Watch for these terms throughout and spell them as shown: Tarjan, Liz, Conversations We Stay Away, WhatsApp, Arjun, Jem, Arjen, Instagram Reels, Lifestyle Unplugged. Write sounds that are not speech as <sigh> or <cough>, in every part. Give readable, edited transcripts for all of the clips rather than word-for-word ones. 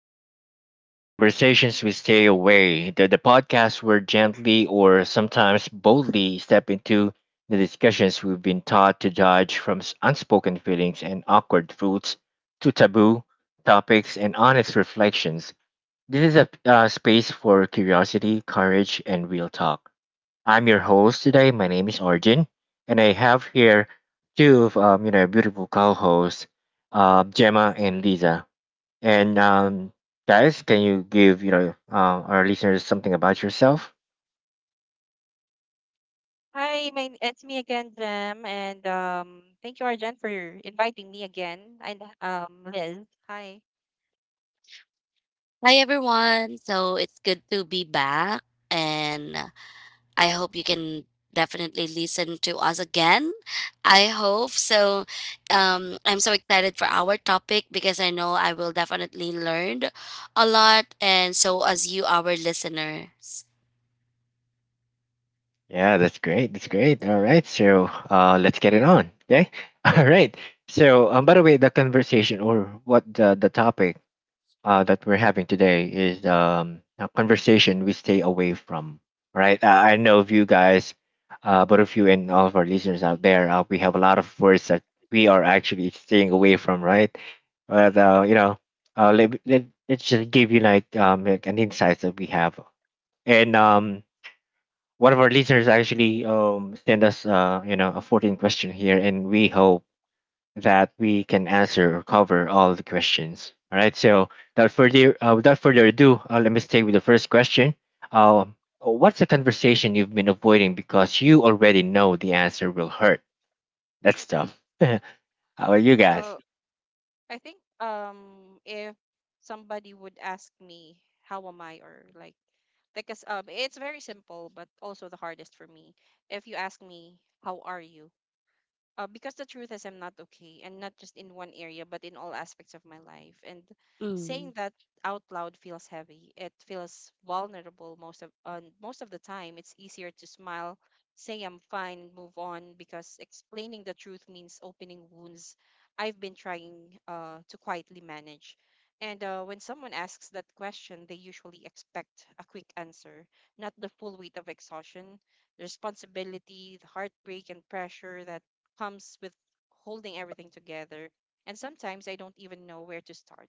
hey, welcome to the Conversations We Stay Away, the podcast where gently or sometimes boldly step into the discussions we've been taught to dodge from unspoken feelings and awkward truths to taboo topics and honest reflections. This is a space for curiosity, courage, and real talk. I'm your host today. My name is Arjun, and I have here two of beautiful co-hosts, Gemma and Lisa. And guys, can you give our listeners something about yourself? Hi, my, it's me again, Jem, and thank you, Arjen, for inviting me again. And Liz, hi. Hi everyone. So it's good to be back, and I hope you can definitely listen to us again. I hope so. I'm so excited for our topic because I know I will definitely learn a lot, and so as you our listeners. Yeah, that's great. That's great. All right, so let's get it on. Okay. <laughs> All right. So, by the way, the conversation or what the topic that we're having today is a conversation we stay away from. Right? I know of you guys, both of you and all of our listeners out there, we have a lot of words that we are actually staying away from. Right? But let's just give you like an insight that we have, and one of our listeners actually sent us a 14 question here, and we hope that we can answer or cover all the questions. All right. So without further ado, let me stay with the first question. Um, what's a conversation you've been avoiding because you already know the answer will hurt? That's tough. <laughs> How are you guys? So I think if somebody would ask me how am I or like it's very simple but also the hardest for me. If you ask me how are you, because the truth is I'm not okay, and not just in one area, but in all aspects of my life. And Mm, saying that out loud feels heavy. It feels vulnerable most of most of the time. It's easier to smile, say I'm fine, and move on because explaining the truth means opening wounds I've been trying to quietly manage. And when someone asks that question, they usually expect a quick answer, not the full weight of exhaustion, the responsibility, the heartbreak, and pressure that comes with holding everything together, and sometimes I don't even know where to start.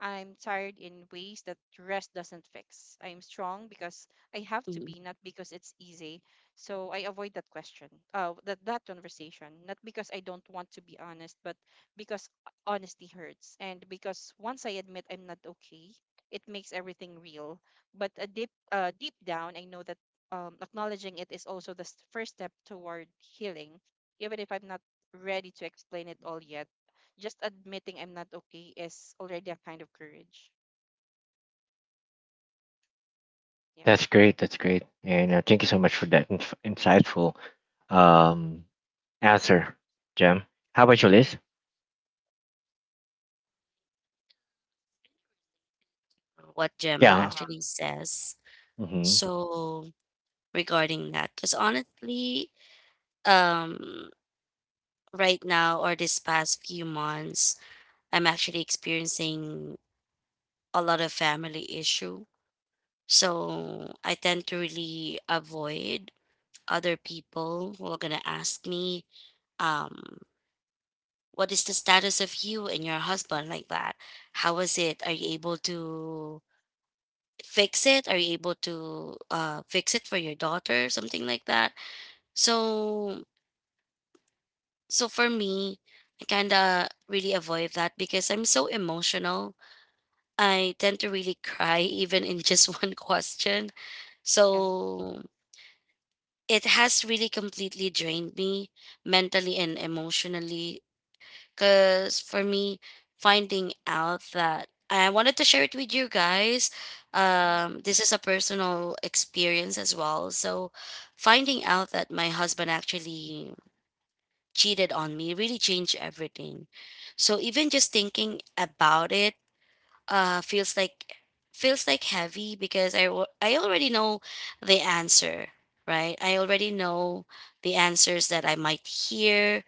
I'm tired in ways that rest doesn't fix. I'm strong because I have to mm. be, not because it's easy. So I avoid that question, that conversation, not because I don't want to be honest, but because honesty hurts. And because once I admit I'm not okay, it makes everything real. But a deep down, I know that acknowledging it is also the first step toward healing, even if I'm not ready to explain it all yet, just admitting I'm not okay is already a kind of courage. Yep. That's great. That's great. And thank you so much for that insightful um, answer, Jem. How about you, Yeah. Liz? What Gemma Yeah. actually says. So, regarding that, cuz honestly, um right now, or this past few months, I'm actually experiencing a lot of family issue. So I tend to really avoid other people who are gonna ask me, um, what is the status of you and your husband, like that? How is it? Are you able to fix it? Are you able to fix it for your daughter? Something like that. So for me, I kinda really avoid that because I'm so emotional. I tend to really cry even in just <laughs> one question. Yeah. So it has really completely drained me mentally and emotionally. Because for me, finding out that I wanted to share it with you guys, hmm this is a personal experience as well. So finding out that my husband actually cheated on me really changed everything. So even just thinking about it, uh feels like feels like heavy, because I already know the answer, right? I already know the answers that I might hear,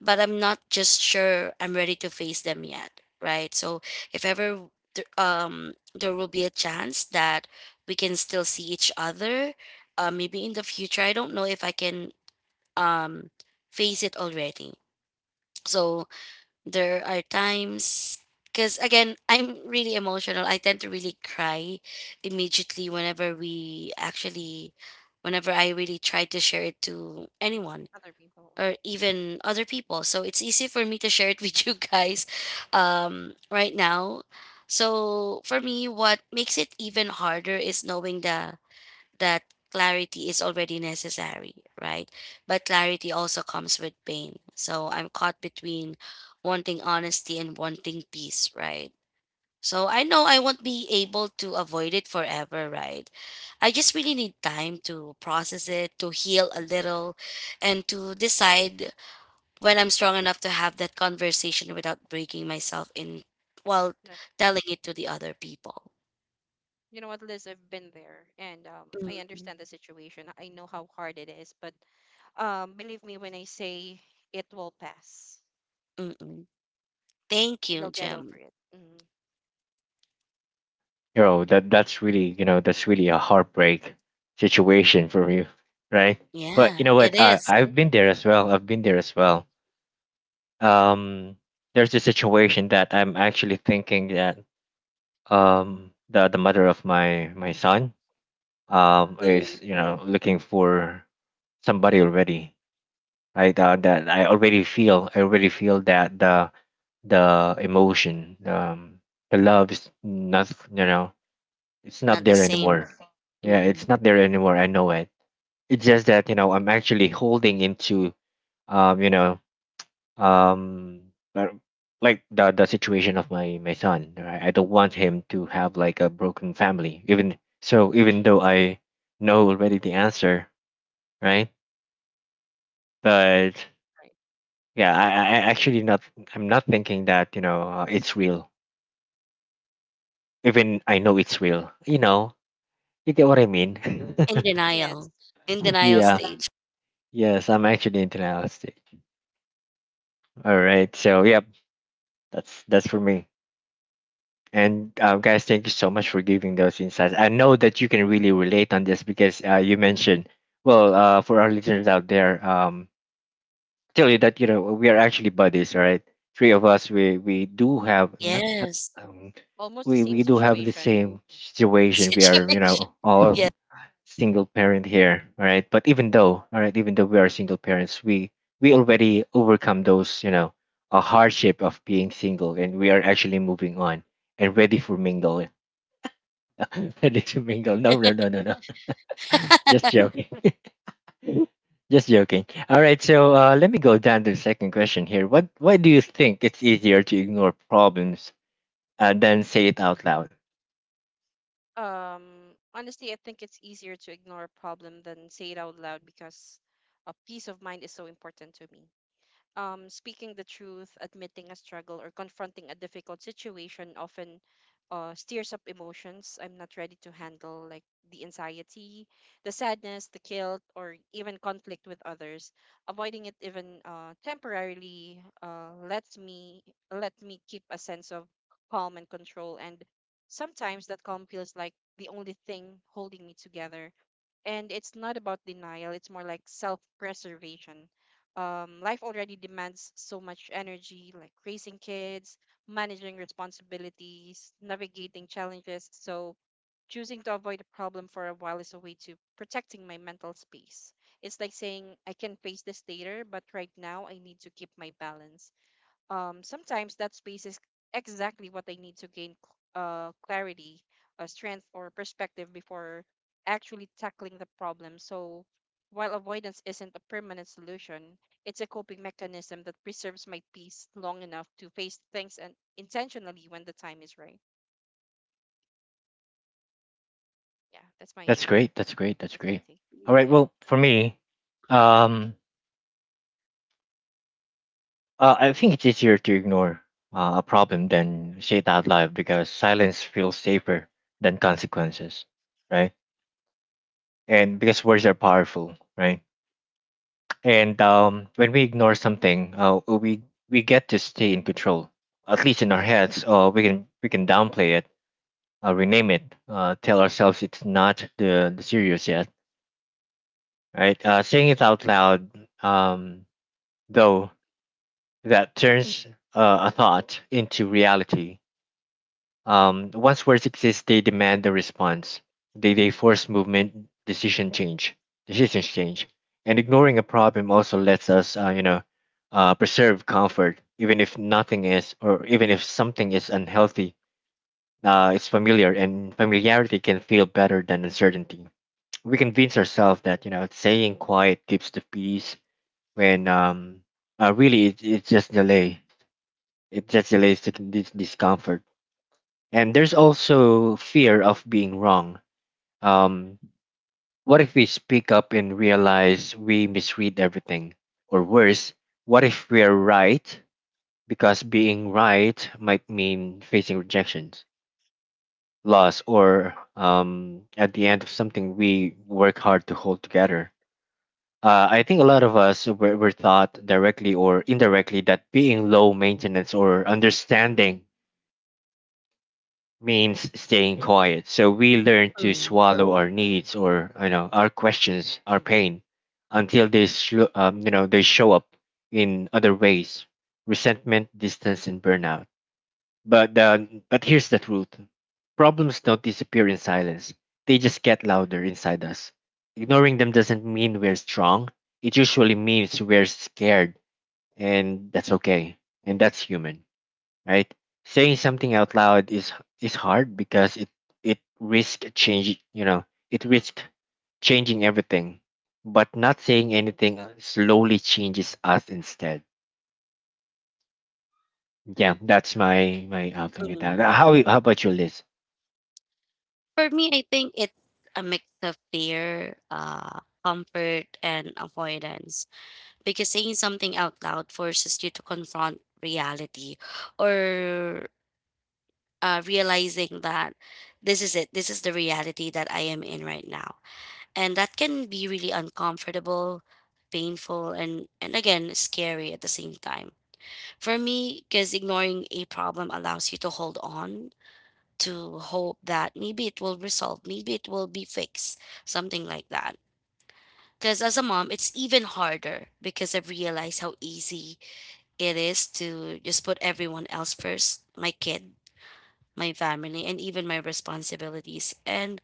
but I'm not just sure I'm ready to face them yet, right? So if ever there will be a chance that we can still see each other, maybe in the future, I don't know if I can um face it already. So there are times, because again, I'm really emotional. I tend to really cry immediately whenever we actually whenever I really try to share it to anyone, Other people. or even other people. So it's easy for me to share it <laughs> with you guys, right now. So for me, what makes it even harder is knowing that that clarity is already necessary, right? But clarity also comes with pain. So I'm caught between wanting honesty and wanting peace, right? So I know I won't be able to avoid it forever, right? I just really need time to process it, to heal a Mhm. little, and to decide when I'm strong enough to have that conversation without breaking myself in while Yep. telling it to the other people. You know what, Liz? I've been there, and I Mm, understand the situation. I know how hard it is, but believe me when I say it will pass, mm, mm. Thank and you, you'll get over Jim. it. Mm-hmm. You know that that's really that's really a heartbreak situation for you <laughs> right? But you Yeah, know it what, Yes. Is. I've been there as well. I've been there as well. um there's a situation that I'm actually thinking that the mother of my son is Mm-mm, looking for somebody already, right? That I already feel that the emotion, the love is not, it's not not the there same. anymore. Yeah, Mm-mm. it's not there anymore. I know it. It's just that I'm actually holding into um you know um uh, like the situation of my son. Right? I don't want him to have like a broken family. Even so, even though I know already the answer, right? But Right. yeah, I actually not, I'm not thinking that it's real. Even I know it's real. You know, you get what I mean. <laughs> In Yes. denial. In denial Yeah. stage. Yes, I'm actually into. All right. So yep, that's for me. And guys, thank you so much for giving those insights. I know that you can really relate on this because you mentioned. Well, for our listeners out there, tell you that we are actually buddies. All right, three of us. We do have not, not Yes. um, Almost the we same we do have the situation. same <laughs> situation. We Situation. are Yeah. all single parent here, all right? but even though, all right, even though we are single parents, we already overcome those a hardship of being single, and we are actually moving on and ready for mingle. <laughs> Ready to mingle? No, no, no, no, no. <laughs> Just <laughs> joking. <laughs> Just joking. All right, so let me go down to the second question here. What why do you think it's easier to ignore problems than say it out loud? Honestly, I think it's easier to ignore a problem than say it out loud because a peace of mind is so important to me. Speaking the truth, admitting a struggle, or confronting a difficult situation often steers up emotions I'm not ready to handle, like the anxiety, the sadness, the guilt, or even conflict with others. Avoiding it, even temporarily, lets me keep a sense of calm and control, and sometimes that calm feels like the only thing holding me together, and it's not about denial, it's more like self-preservation. Life already demands so much energy, like raising kids, managing responsibilities, navigating challenges, so choosing to avoid a problem for a while is a way to protecting my mental space. It's like saying I can face this later but right now I need to keep my balance. Sometimes that space is exactly what I need to gain clarity, strength, or perspective before actually tackling the problem. So, while avoidance isn't a permanent solution, it's a coping mechanism that preserves my peace long enough to face things and intentionally when the time is right. Yeah, That's great. That's great. That's that's my great. take. All right, Yeah. well, for me, um I think it's easier to ignore a problem than say it out loud because silence feels safer than consequences, right? And because words are powerful, right? And when we ignore something, we get to stay in control, at least in our heads. We can downplay it, rename it, tell ourselves it's not the serious yet, right? Saying it out loud, um, though, that turns a thought into reality. Once words exist, they demand a response. They force movement, decisions change. And ignoring a problem also lets us, preserve comfort, even if nothing is, or even if something is unhealthy. It's familiar, and familiarity can feel better than uncertainty. We convince ourselves that saying quiet keeps the peace, when really it's just delay. It just delays this discomfort. And there's also fear of being wrong. Um, what if we speak up and realize we misread everything? Or worse, what if we're right? Because being right might mean facing rejections, loss, or at the end of something we work hard to hold together. I think a lot of us were, taught directly or indirectly that being low maintenance or understanding means staying quiet. So we learn to Mm, swallow our needs or our questions, our pain, until they they show up in other ways: resentment, distance, and burnout. But here's the truth: problems don't disappear in silence. They just get louder inside us. Ignoring them doesn't mean we're strong. It usually means we're scared, and that's okay. And that's human, right? Saying something out loud is hard because it risks it risks changing everything. But not saying anything slowly changes us instead. Yeah, that's my my outlook with that. Uh, mm. How how about you, Liz? For me, I think it's a mix of fear, comfort, and avoidance. Because saying something out loud forces you to confront reality, or realizing that this is it, this is the reality that I am in right now. And that can be really uncomfortable, painful, and again scary at the same time for me, because ignoring a problem allows you to hold on to hope that maybe it will resolve, maybe it will be fixed, something like that. Because as a mom, it's even harder, because I've realized how easy it is to just put everyone else first, my kid, my family, and even my responsibilities, and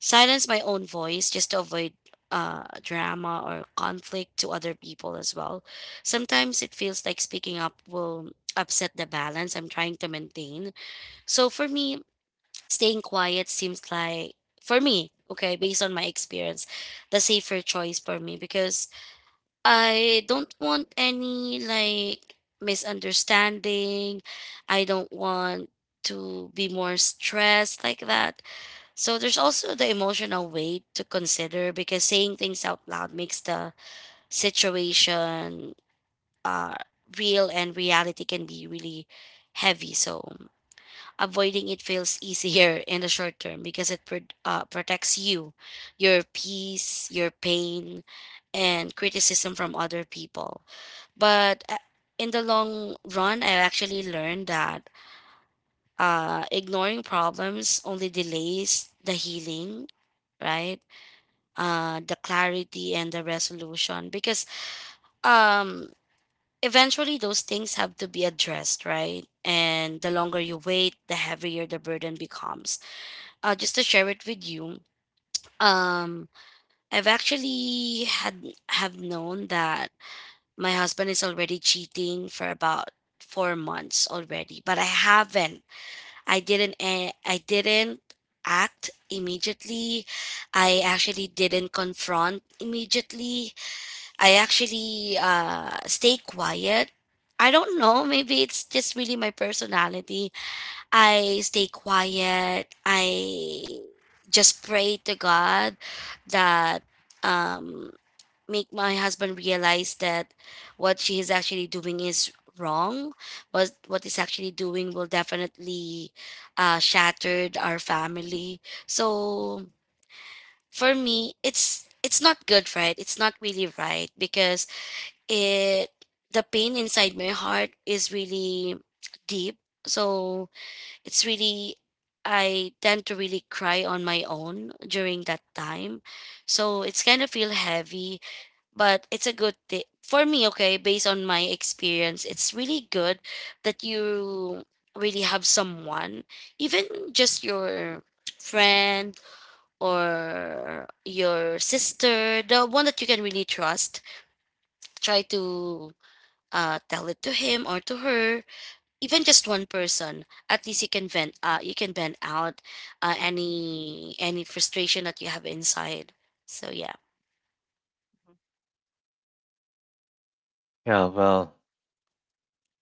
silence my own voice just to avoid drama or conflict to other people as well. Sometimes it feels like speaking up will upset the balance I'm trying to maintain. So for me, staying quiet seems like, for me, okay, based on my experience, the safer choice for me, because I don't want any, like, misunderstanding. I don't want to be more stressed like that. So there's also the emotional weight to consider, because saying things out loud makes the situation uh, real, and reality can be really heavy. So avoiding it feels <laughs> easier in the short term because it protects you, your peace, your pain, and criticism from other people. But in the long run, I actually learned that ignoring problems only delays the healing, right? The clarity and the resolution, because um, eventually those things have to be addressed, right? And the longer you wait, the heavier the burden becomes. Just to share it with you, um, I've actually had have known that my husband is already cheating for about 4 months already, but I haven't. I didn't. I didn't act immediately. I actually didn't confront immediately. I actually stay quiet. I don't know. Maybe it's just really my personality. I stay quiet. I just pray to God that, um, make my husband realize that what she is actually doing is wrong. What is actually doing will definitely shattered our family. So for me, it's not good, right? It's not really right, because it the pain inside my heart is really deep. So it's really, I tend to really cry on my own during that time, so it's kind of feel heavy. But it's a good thing for me, okay, based on my experience, it's really good that you really have someone, even just your friend or your sister, the one that you can really trust, try to tell it to him or to her, even just one person. At least you can vent. You can vent out any frustration that you have inside. So yeah. hmm Yeah, well,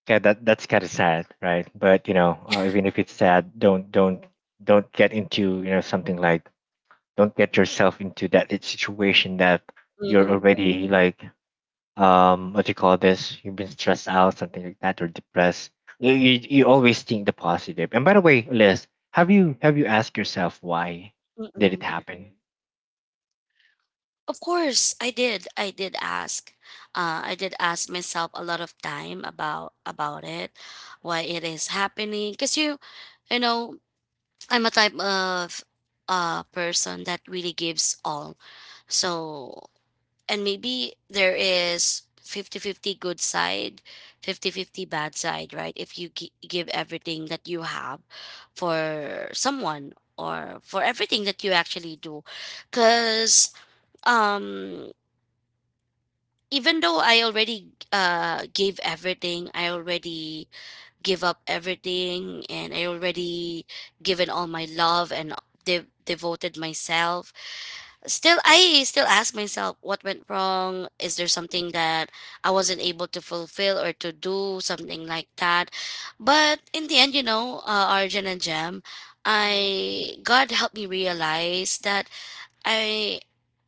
yeah, that's kind of sad, right? But you know, Yeah. even if it's sad, don't get into something like don't get yourself into that situation that you're Mm-mm. already like, what you call this, you've been stressed out, something like that, or depressed. You always think the positive, positive. And by the way, Liz, have you asked yourself why did it Mm-mm. happen? Of course, I did. I did ask. I did ask myself a lot of time about it, why it is happening. Cause you know, I'm a type of person that really gives all. So, and maybe there is fifty-fifty good side, fifty-fifty bad side, right? If you give everything that you have for someone, or for everything that you actually do, because um even though I already gave everything, I already give up everything, and I already given all my love, and devoted myself. Still, I still ask myself what went wrong. Is there something that I wasn't able to fulfill, or to do, something like that? But in the end, you know, Arjun and Jem, hmm I God helped me realize that I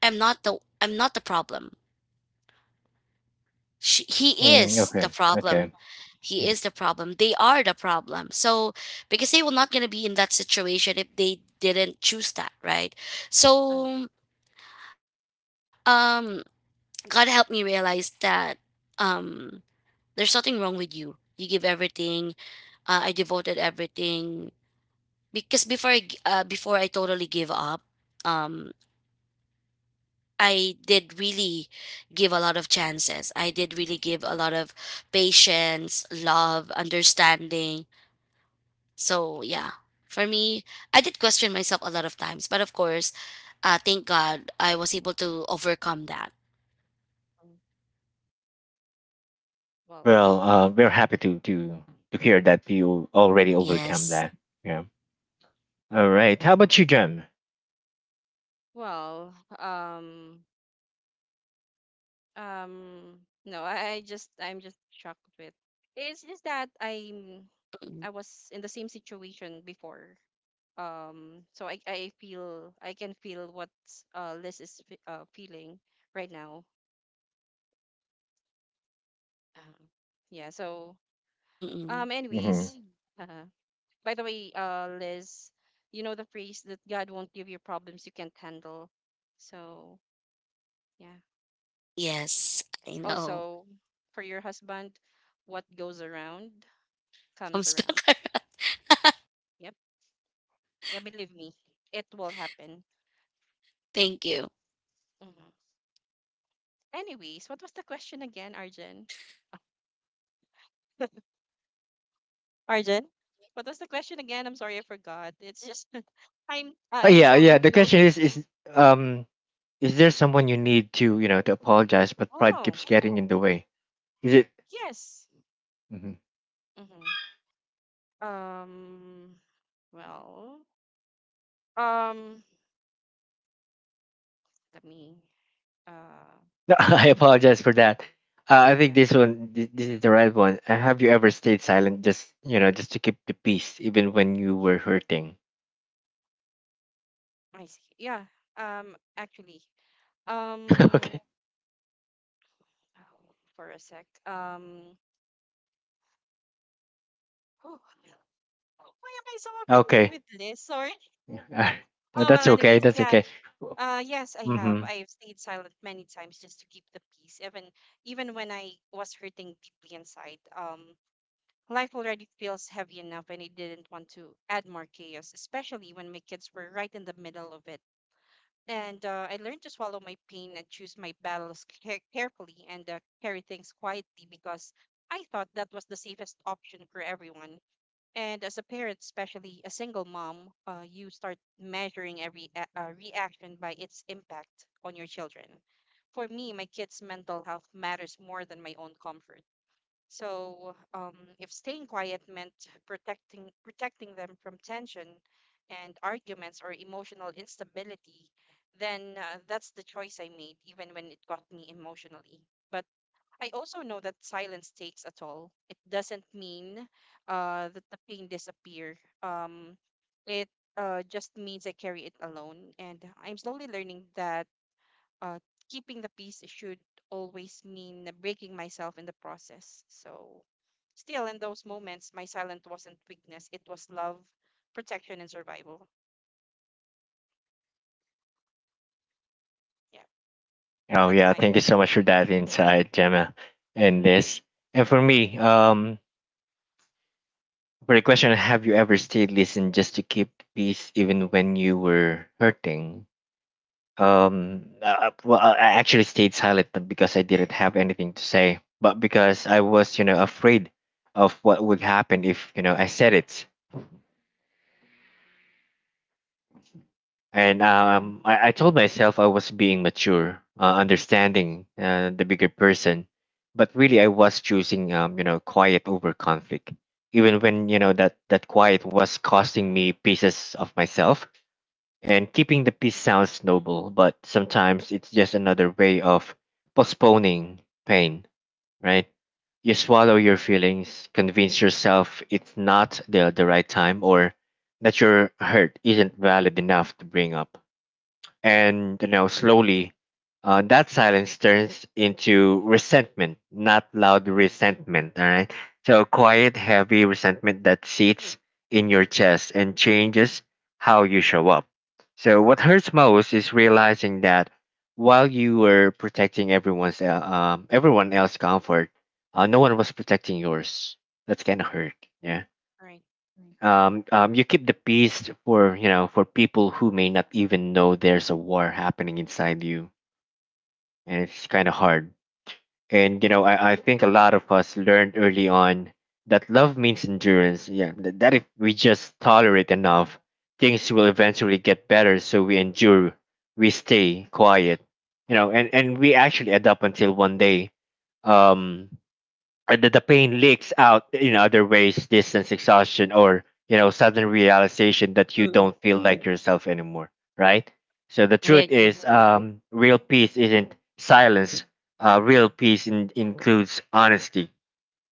I'm not the problem. He Mm, is okay, the okay. problem. He Mhm. is the problem. They are the problem. So, because they were not going to be in that situation if they didn't choose that, right? Uh, So um God helped me realize that, um there's nothing wrong with you. You give everything. I devoted everything, because before I totally gave up, um I did really give a lot of chances. I did really give a lot of patience, love, understanding. So, yeah, for me, I did question myself a lot of times, but of course, thank God I was able to overcome that. mm. Well, Well, we're happy to hear that you already overcome Yes. that, yeah. All right, how about you, Jem? well, um, Um, no, I'm just shocked with. It's just that Mm-mm. I was in the same situation before. So I feel I can feel what Liz is feeling right now. Um, yeah. So Mm. Mm-mm. Mm-hmm. anyways, uh, by the way, Liz, you know the phrase that God won't give you problems you can't handle. So yeah. Yes, I Yes. know. Also, for your husband, what goes around comes Comes back around. <laughs> around. Yep. Yeah, believe me, it will happen. Thank you. hmm Anyways, what was the question again, Arjun? Arjun, what was the question again? I'm sorry, I forgot. It's just <laughs> I'm Oh, I'm yeah, so yeah, the into. question is um is there someone you need to you know to apologize, but pride Oh, keeps getting in the way, is it? yes. hmm Um. Well. Um. Let me. Uh. No, <laughs> I apologize for that. I think Yeah. this one, this is the right one. Have you ever stayed silent just to keep the peace, even when you were hurting? I see. Yeah. Um. Actually. <laughs> Um. Okay. oh, For a sec. Whew, <laughs> why am I so affected Okay. with this? Sorry. Yeah, <laughs> Oh well. that's okay. Anyways. That's Yeah. okay. Yes, I have. Mm-hmm. I've stayed silent many times just to keep the peace, even when I was hurting deeply inside. Life already feels heavy enough, and I didn't want to add more chaos, especially when my kids were right in the middle of it. And I learned to swallow my pain and choose my battles carefully and carry things quietly because I thought that was the safest option for everyone. And as a parent, especially a single mom, you start measuring every reaction by its impact on your children. For me, my kids' mental health matters more than my own comfort. So, if staying quiet meant protecting them from tension and arguments or emotional instability, then that's the choice I made, even when it got me emotionally. But I also know that silence takes a toll. It doesn't mean that the pain disappear. It just means I carry it alone, and I'm slowly learning that uh, keeping the peace should always mean breaking myself in the process. So, still in those moments, my silence wasn't weakness. It was love, protection, and survival. Yeah, Oh, that's yeah. my Thank you so much for that insight, Gemma, and this. And for me, for the question, have you ever stayed listened just to keep peace, even when you were hurting? Well, I actually stayed silent not because I didn't have anything to say, but because I was, afraid of what would happen if, I said it. yeah. And I told myself I was being mature, understanding the bigger person, but really I was choosing, quiet over conflict, even when you know that that quiet was costing me pieces of myself. And keeping the peace sounds noble, but sometimes it's just another way of postponing pain, right? You swallow your feelings, convince yourself it's not the right time or that your hurt isn't valid enough to bring up. And you know, slowly, that silence turns into resentment, not loud resentment. All right. So quiet, heavy resentment that sits in your chest and changes how you show up. So what hurts most is realizing that while you were protecting everyone else's comfort, no one was protecting yours. That's kind of hurt. Yeah. All right. You keep the peace for for people who may not even know there's a war happening inside you, and it's kind of hard. And you know, I think a lot of us learned early on that love means endurance. Yeah, that if we just tolerate enough, things will eventually get better. So we endure, we stay quiet, and we actually adapt until one day, um, or the pain leaks out in other ways: distance, exhaustion, or sudden realization that you Mm. don't feel like yourself anymore, right? So the I truth agree. is, real peace isn't silence. Real peace includes honesty,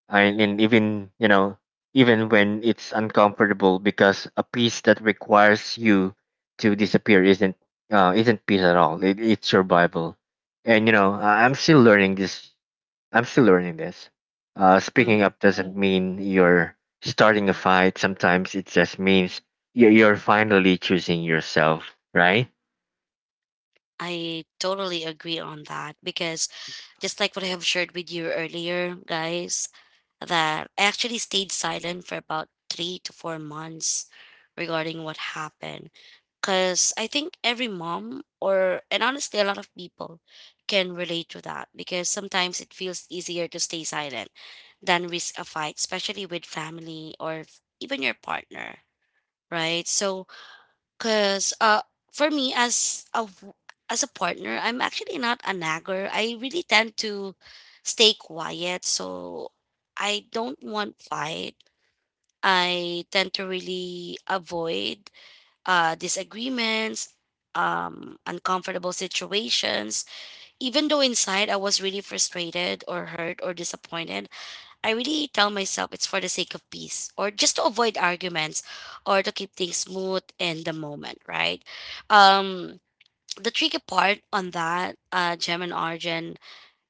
and even even when it's uncomfortable, because a peace that requires you to disappear isn't peace at all. It's survival. And I'm still learning this. I'm still learning this. Speaking Mm. up doesn't mean you're starting a fight. Sometimes it just means you're finally choosing yourself, right? I totally agree on that, because just like what I have shared with you earlier, guys, that I actually stayed silent for about 3 to 4 months regarding what happened. Because I think every mom, or, and honestly, a lot of people can relate to that, because sometimes it feels easier to stay silent than risk a fight, especially with family, or even your partner, right? So, cause for me, as as a partner, I'm actually not a nagger. I really tend to stay quiet, so I don't want fight. I tend to really avoid disagreements, uncomfortable situations. Even though inside I was really frustrated or hurt or disappointed, I really tell myself it's for the sake of peace, or just to avoid arguments, or to keep things smooth in the moment, right? Um, the tricky part on that, Gem and Arjun,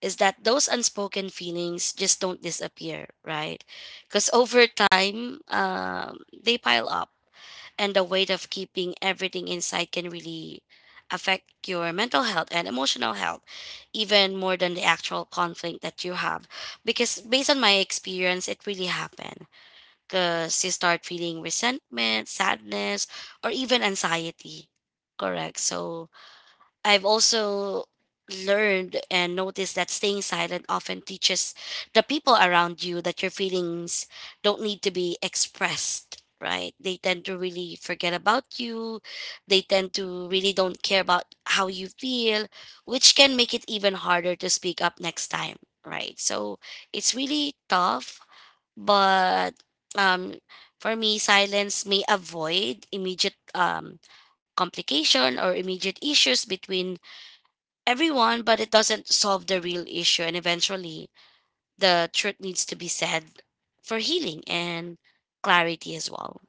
is that those unspoken feelings just don't disappear, right? Because over time, they pile up, and the weight of keeping everything inside can really affect your mental health and emotional health, even more than the actual conflict that you have, because based on my experience it really happened, because you start feeling resentment, sadness, or even anxiety. Correct? So I've also learned and noticed that staying silent often teaches the people around you that your feelings don't need to be expressed, right? They tend to really forget about you. They tend to really don't care about how you feel, which can make it even harder to speak up next time, right? So it's really tough, but um for me, silence may avoid immediate complication, or immediate issues between everyone, but it doesn't solve the real issue. And eventually, the truth needs to be said, for healing and clarity as well.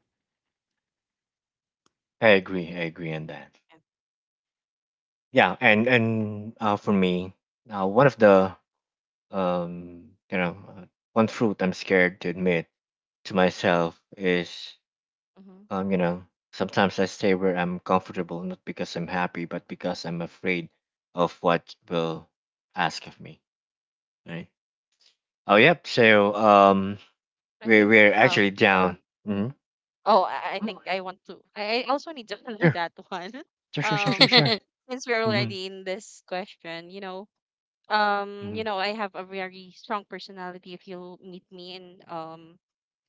I agree. I agree on that. Yeah. Yeah, and for me, one of the um, you know, uh, one fruit I'm scared to admit to myself is Mm-hmm. um, you know, sometimes I stay where I'm comfortable, not because I'm happy, but because I'm afraid of what will ask of me, right? Oh, yep. So, I we're think. we're Um, actually down. Mm-hmm. Oh, I think I want to. I also need to <laughs> answer Sure, that one. <laughs> sure, sure, sure, sure, Um, sure. <laughs> since we're Mm-hmm. already in this question, Mm-hmm. you know, I have a very strong personality. If you meet me in,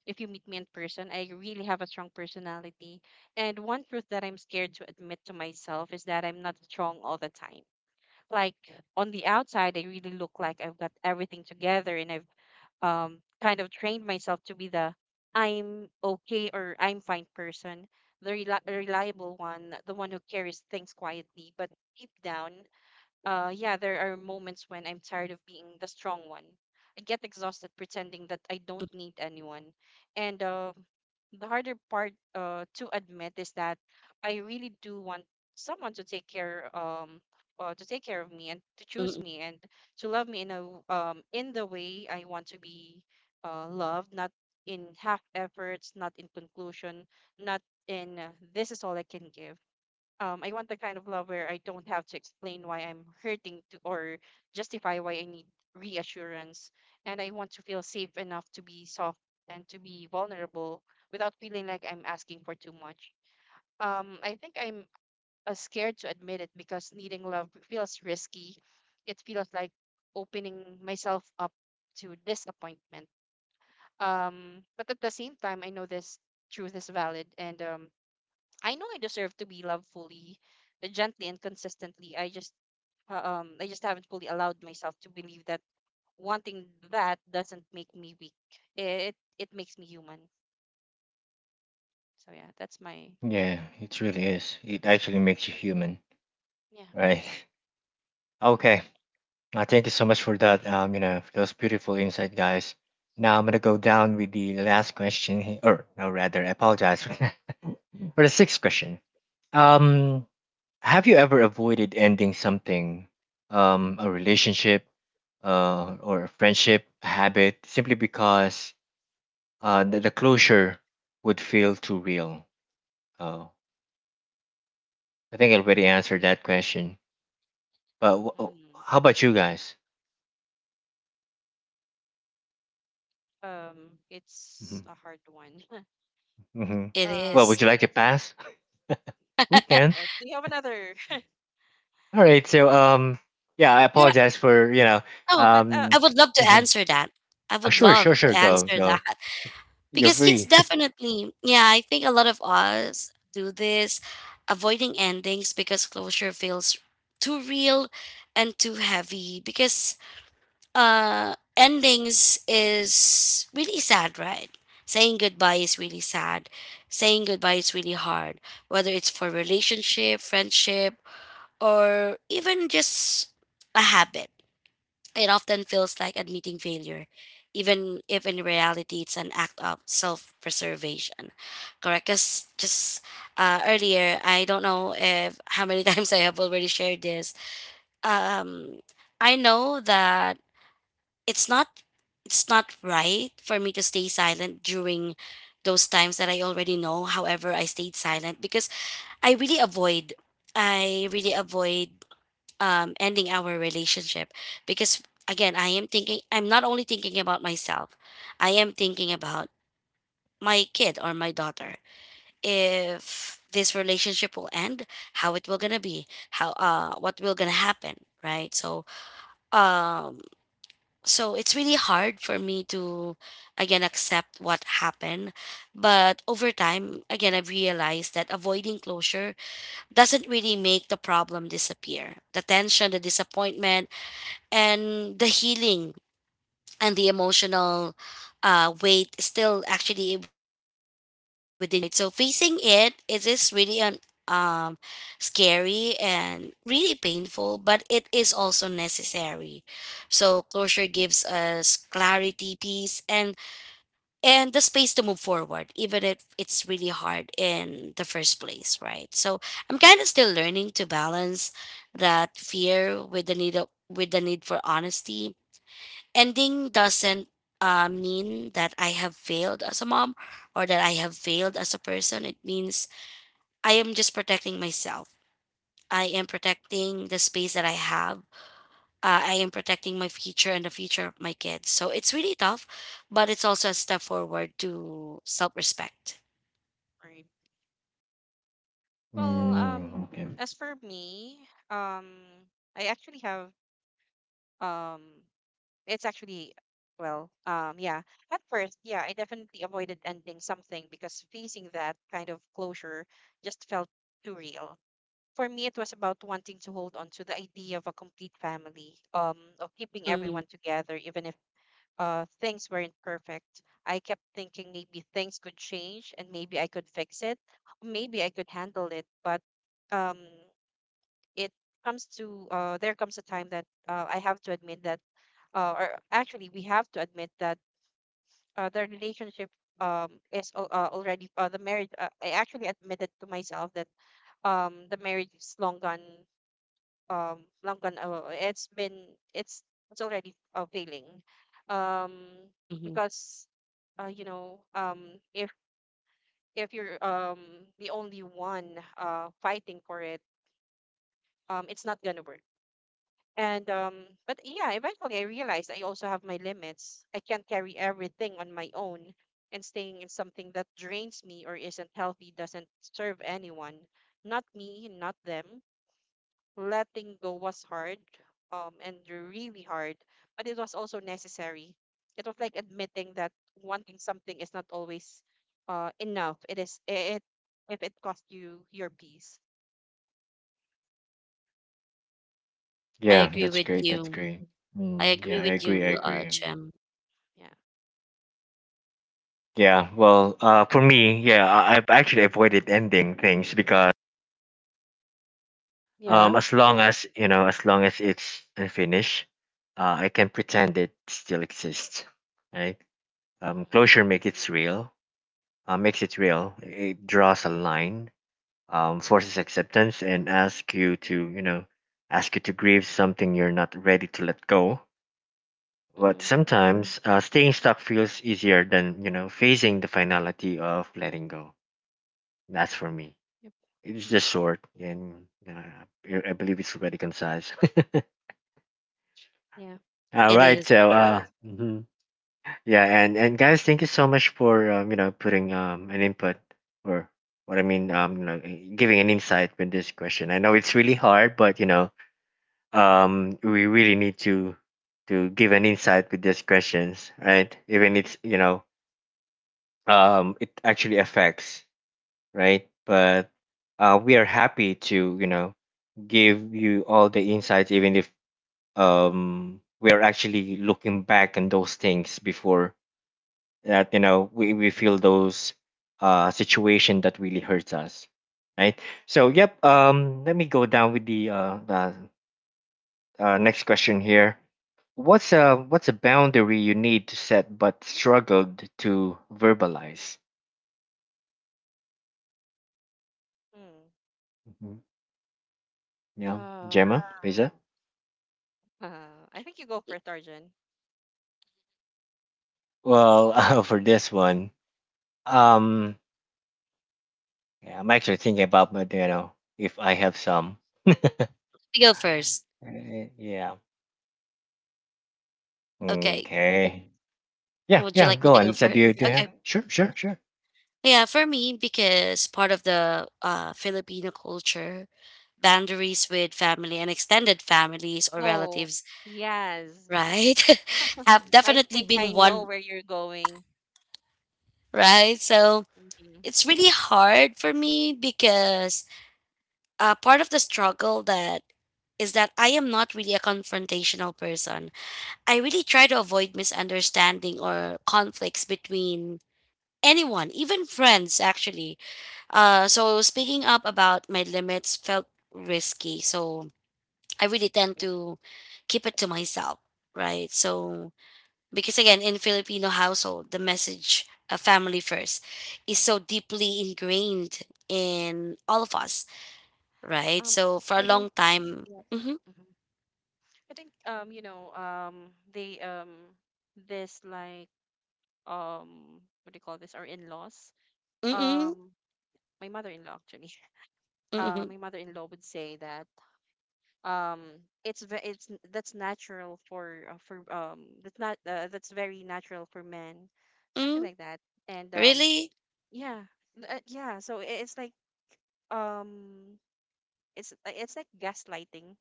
if you meet me in person, I really have a strong personality. And one truth that I'm scared to admit to myself is that I'm not strong all the time. Like on the outside, I really look like I've got everything together and I've kind of trained myself to be the I'm okay or I'm fine person, the reliable one, the one who carries things quietly but deep down, yeah, there are moments when I'm tired of being the strong one. I get exhausted pretending that I don't need anyone. And the harder part to admit is that I really do want someone to take care of me and to choose Mm, me and to love me in a in the way I want to be loved, not in half efforts, not in conclusion, not in this is all I can give. I want the kind of love where I don't have to explain why I'm hurting to, or justify why I need reassurance. And I want to feel safe enough to be soft and to be vulnerable without feeling like I'm asking for too much. I think I'm scared to admit it because needing love feels risky. It feels like opening myself up to disappointment. But at the same time, I know this truth is valid and I know I deserve to be loved fully, but gently and consistently. I just haven't fully allowed myself to believe that wanting that doesn't make me weak. It makes me human. So yeah, that's my Yeah, it really is. It actually makes you human, yeah. right? <laughs> Okay. hmm Thank you so much for that. For those beautiful insight, guys. Now I'm gonna go down with the last question, he- or no, rather, I apologize <laughs> for the sixth question. Um, Have you ever avoided ending something, a relationship, or a friendship, a habit, simply because the closure would feel too real? Oh, I think I already answered that question. But mm how about you guys? Hmm. it's a hard one. <laughs> Hmm. it Well, um, is. would you like to pass? We can. yes. Do you have another? All right. So, yeah, I Yeah. apologize for you know. Oh, <laughs> But I Um, would love to mhm. answer that. I would Sure, sure, uh-huh, love to sure. Go, answer go. that <laughs> You're because yes, free. definitely. Yeah, I think a lot of us do this, avoiding endings because closure feels too real and too heavy because endings is really sad, right? Saying goodbye is really sad. Saying goodbye is really hard, whether it's for relationship, friendship, or even just a habit. It often feels like admitting failure, even if in reality it's an act of self-preservation. Correct. Because just, earlier, I don't know if how many <laughs> times I have already shared this. um I know that it's not it's not right for me to stay silent during those times that I already know. However, I stayed silent because I really avoid I really avoid ending our relationship, because again, I'm not only thinking about myself. I am thinking about my kid or my daughter. If this relationship will end, how it will gonna be, how what will gonna happen, right? So um so it's really hard for me to again accept what happened, but over time again I've realized that avoiding closure doesn't really make the problem disappear, the tension, the disappointment, and the healing, and the emotional weight is still actually within it. So facing it, it is really an um, scary and really painful, but it is also necessary. So closure gives us clarity, peace, and the space to move forward, even if it's really hard in the first place, right? So I'm kind of still learning to balance that fear with with the need for honesty. Ending doesn't mean that I have failed as a mom, or that I have failed as a person. It means I am just protecting myself. I am protecting the space that I have. I am protecting my future and the future of my kids. So it's really tough, but it's also a step forward to self respect. alright. <laughs> Well, Mm, okay. as for me, um, I actually have um It's actually, yeah. At first, yeah, I definitely avoided ending something because facing that kind of closure just felt too real. For me, it was about wanting to hold on to the idea of a complete family, of keeping Mm. everyone together, even if things weren't perfect. I kept thinking maybe things could change and maybe I could fix it, maybe I could handle it. But um, it comes to there comes a time that I have to admit that or actually we have to admit that the relationship is al- already the marriage I actually admitted to myself that the marriage is long gone, long gone. It's been it's it's already failing, um Hmm. because you know, if you're the only one fighting for it, it's not gonna work. And but yeah, eventually I realized I also have my limits. I can't carry everything on my own, and staying in something that drains me or isn't healthy doesn't serve anyone. Not me, not them. Letting go was hard, and really hard, but it was also necessary. It was like admitting that wanting something is not always enough. It is it If it costs you your peace. I Yeah, agree that's with great. That's you. great. I Mm, agree yeah, I with agree. I you, agree. Jim. Yeah. Yeah. Well, for me, yeah, I've actually avoided ending things because Yeah. as long as you know, as long as it's unfinished, I can pretend it still exists, right? Mm-hmm. Closure makes it real. It draws a line. Forces acceptance and asks you to, you know, ask you to grieve something you're not ready to let go. But Mm-hmm. sometimes staying stuck feels easier than you know facing the finality of letting go. That's for me. Yep. It's just short, and I believe it's already concise. Yeah. <laughs> All It right, is. so yeah. Mhm. Yeah, and guys, thank you so much for you know putting an input or what I mean you know giving an insight with this question. I know it's really hard, but you know we really need to give an insight with these questions, right? Even it's you know it actually affects, right? But we are happy to, you know, give you all the insights, even if we are actually looking back on those things before that, you know, we feel those situation that really hurts us, right? So, yep, let me go down with the next question here. What's a boundary you need to set but struggled to verbalize? Mm. Yeah, Gemma, Um, Lisa. I think you go for Tarjan. Well, <laughs> for this one, um, yeah, I'm actually thinking about, but you know, if I have some, We go first. Yeah. Okay. Okay. Yeah, Would you yeah. like me Go to on. go Lisa, do you first? do you Okay. have? Sure, sure, sure. Yeah, for me, because part of the Filipino culture, boundaries with family and extended families or Oh, relatives, yes. right, <laughs> have <laughs> I definitely think I been know one, where you're going. right? So hmm it's really hard for me because, part of the struggle that is that I am not really a confrontational person. I really try to avoid misunderstanding or conflicts between anyone, even friends, actually. So speaking up about my limits felt risky. So I really tend Yeah. to keep it to myself, right? So because again, in Filipino household, the message of family first is so deeply ingrained in all of us, right? Um, So for a I don't. long time. Yeah. Mm-hmm. hmm I think you know, they this like what do you call this? Our in-laws. Mm-mm. Um, my mother-in-law actually. <laughs> Mm-mm. My mother-in-law would say that. Um it's ve- it's n- that's natural for for that's not that's very natural for men, something Mm. like that. And Really? yeah yeah, it's like um it's like it's like gaslighting.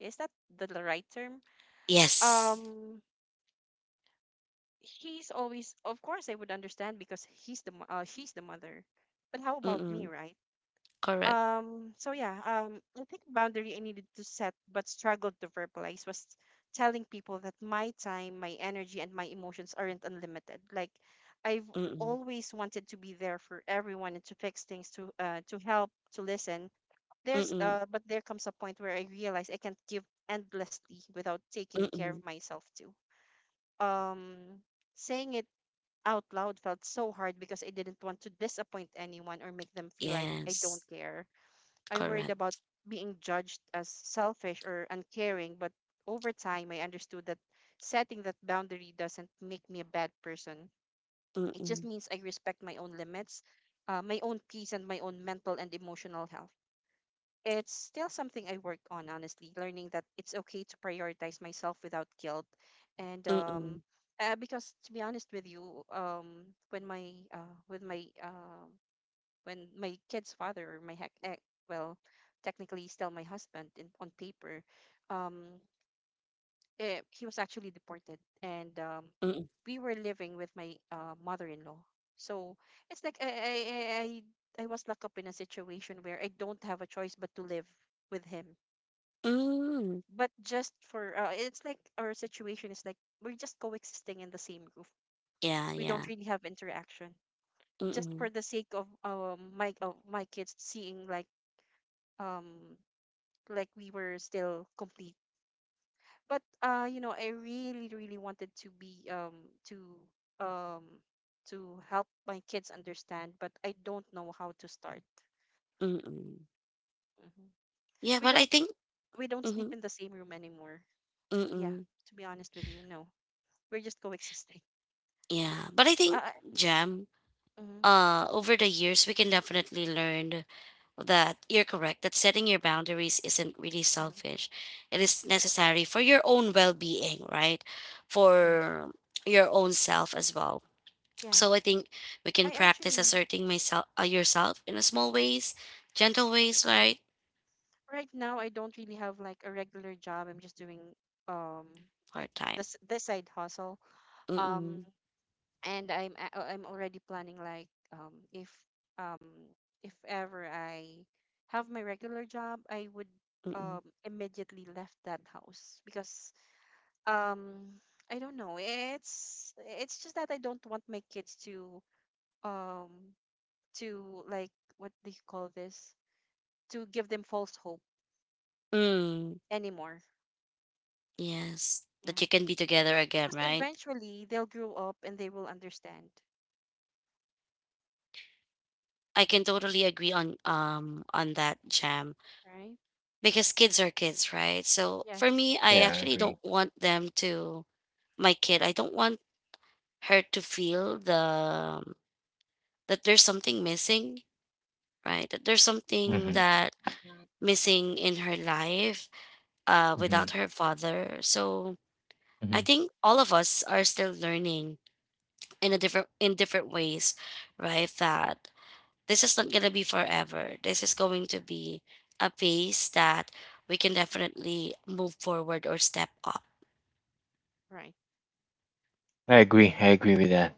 Is that the right term? Yes. um he's always, of course I would understand because she's the mother, but how about me, Mm-mm. right? Correct. So yeah, I think boundary I needed to set but struggled to verbalize was telling people that my time, my energy, and my emotions aren't unlimited. Like I've Mm-mm. always wanted to be there for everyone and to fix things, to help, to listen. There's Mm-mm. But there comes a point where I realize I can't give endlessly without taking care Mm-mm. of myself too. Um, saying it out loud felt so hard because I didn't want to disappoint anyone or make them feel like I Yes, don't care. I worried about correct. being judged as selfish or uncaring, but over time, I understood that setting that boundary doesn't make me a bad person. It just Mm-mm. means I respect my own limits, my own peace, and my own mental and emotional health. It's still something I worked on, honestly, learning that it's okay to prioritize myself without guilt. And Mm-mm. Because to be honest with you, when my with my when my kid's father, or my heck, well, technically still my husband in, on paper, um, he was actually deported, and Mm-mm. we were living with my mother-in-law. So it's like I was locked up in a situation where I don't have a choice but to live with him. Mm. But just for it's like our situation is like we're just coexisting in the same roof. Yeah, We don't yeah. really have interaction just for Mm-mm. the sake of my kids seeing um like we were still complete. But you know, I really, really wanted to be to um to help my kids understand, but I don't know how to start. Mm-mm. Mhm. yeah We but I don't think we don't Mm-hmm. sleep in the same room anymore. Yeah, Mm-mm. to be honest with you, no, we're just coexisting. Yeah, but I think, <laughs> Jam, Mm-hmm, over the years, we can definitely learn that you're correct, that setting your boundaries isn't really mm-hmm, selfish. It is necessary for your own well being, right? yeah, For your own self as well. yeah. So I think we can I practice actually asserting yourself in a small ways, gentle ways, right? Right now I don't really have like a regular job. I'm just doing um like Hard time. This side hustle. Um, Mm-mm. I'm already planning like um if ever I have my regular job, I would Mm-mm. Immediately left that house because um I don't know. It's just that I don't want my kids um to like, what do you call this? To give them false hope Mm. anymore. Yes. That Yeah. you can be together again, Because right? eventually they'll grow up and they will understand. I can Mhm. totally agree on on that, Jam, Right? because kids are kids, right? So for Yes. me, I Yeah, I actually agree. don't want them to my kid. I don't want her to feel the that there's something missing, right? That there's something Mm-hmm. that missing in her life, Mm-hmm. without her father. So I Hmm. think all of us are still learning in different ways, right? That this is not gonna be forever. This is going to be a pace that we can definitely move forward or step up. Right. I agree. I agree with that.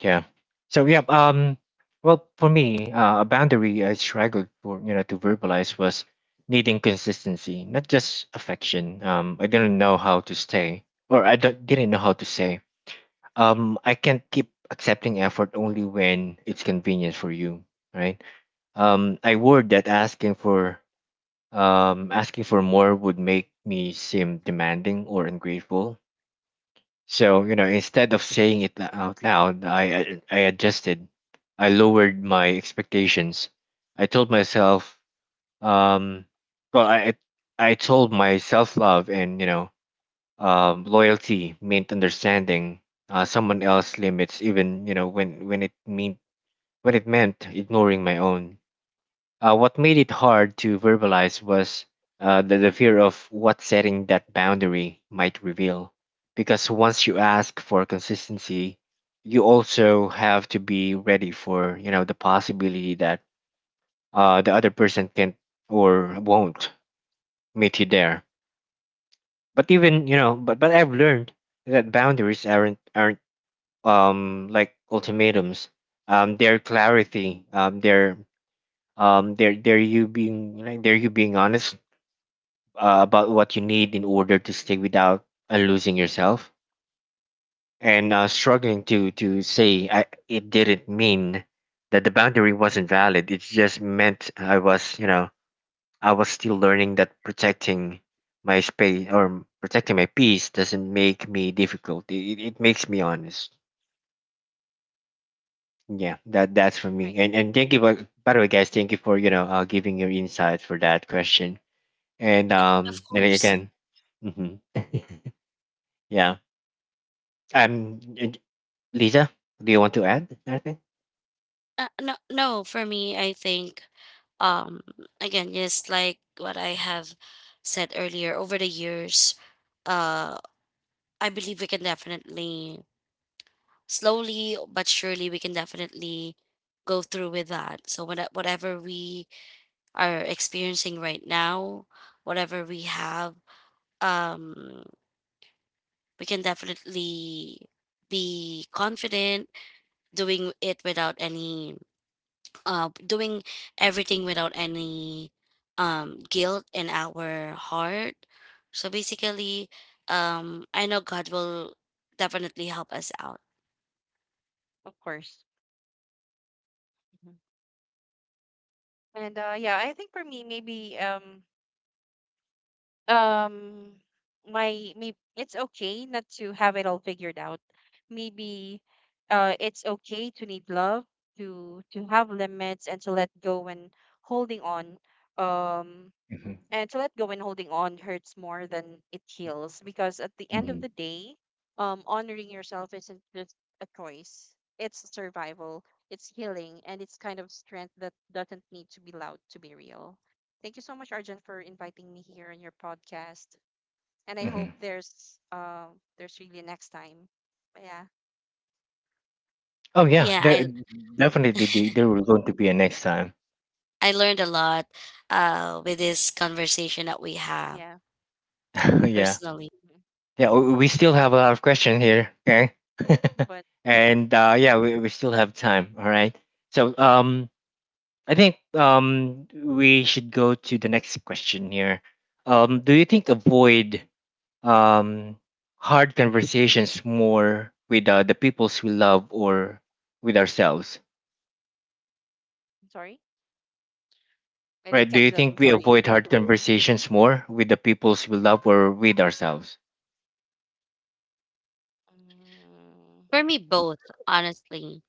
Yeah. So yeah. Well, for me, a boundary I struggled for, you know, to verbalize was needing consistency, not just affection. I didn't know how to stay, or I don't, didn't know how to say. I can't keep accepting effort only when it's convenient for you, right? Um, I worried that asking for more would make me seem demanding or ungrateful, so, you know, instead of saying it out loud, I adjusted. I lowered my expectations. I told myself, um, well, I I told my self love and you know, loyalty meant understanding someone else's limits, even you know when it meant ignoring my own. What made it hard to verbalize was the fear of what setting that boundary might reveal. Because once you ask for consistency, you also have to be ready for you know the possibility that the other person can or won't meet you there. But even you know, but I've learned that boundaries aren't like ultimatums. They're clarity. They're you being like they're you being honest about what you need in order to stay without losing yourself and struggling to say. It didn't mean that the boundary wasn't valid, it just meant I was you know I was still learning that protecting my space or protecting my peace doesn't make me difficult, it makes me honest. Yeah, that that's for me. Right. And thank you by the way guys, thank you for you know giving your insights for that question, Yeah, of and course. again. Hmm. <laughs> Yeah. Um, d- Lisa, do you want to add anything? No, no, for me, I think, um, again, just like what I have said earlier, over the years, uh, I believe slowly but surely, we can definitely go through with that. So whatever we are experiencing right now, whatever we have, um, we can definitely be confident doing it without any doing everything without any guilt in our heart. So basically, I know God will definitely help us out. Of course. And yeah, I think for me maybe um my maybe it's okay not to have it all figured out. Maybe it's okay to need love, to have limits, and to let go when holding on. Um Hmm. and to let go and holding on hurts more than it heals, because at the end Hmm. of the day, honoring yourself isn't just a choice. It's survival, it's healing, and it's kind of strength that doesn't need to be loud to be real. Thank you so much, Arjun, for inviting me here on your podcast. And I hope Hmm. There's really next time. But yeah. Oh yeah, Yeah. there i Mhm. definitely there will going to be a next time. i learned a lot with this conversation that we have, Yeah. <laughs> Yeah, personally. Mhm. yeah. We still have a lot of questions here. Okay, But <laughs> and mhm. Yeah, we still have time. All right. So I think we should go to the next question here. Do you think avoid um hard conversations more with the peoples we love or with ourselves? Sorry. I didn't Right. Do catch you that. I'm think we sorry. avoid hard conversations more with the peoples we love or with ourselves? Mm, For me, both, honestly,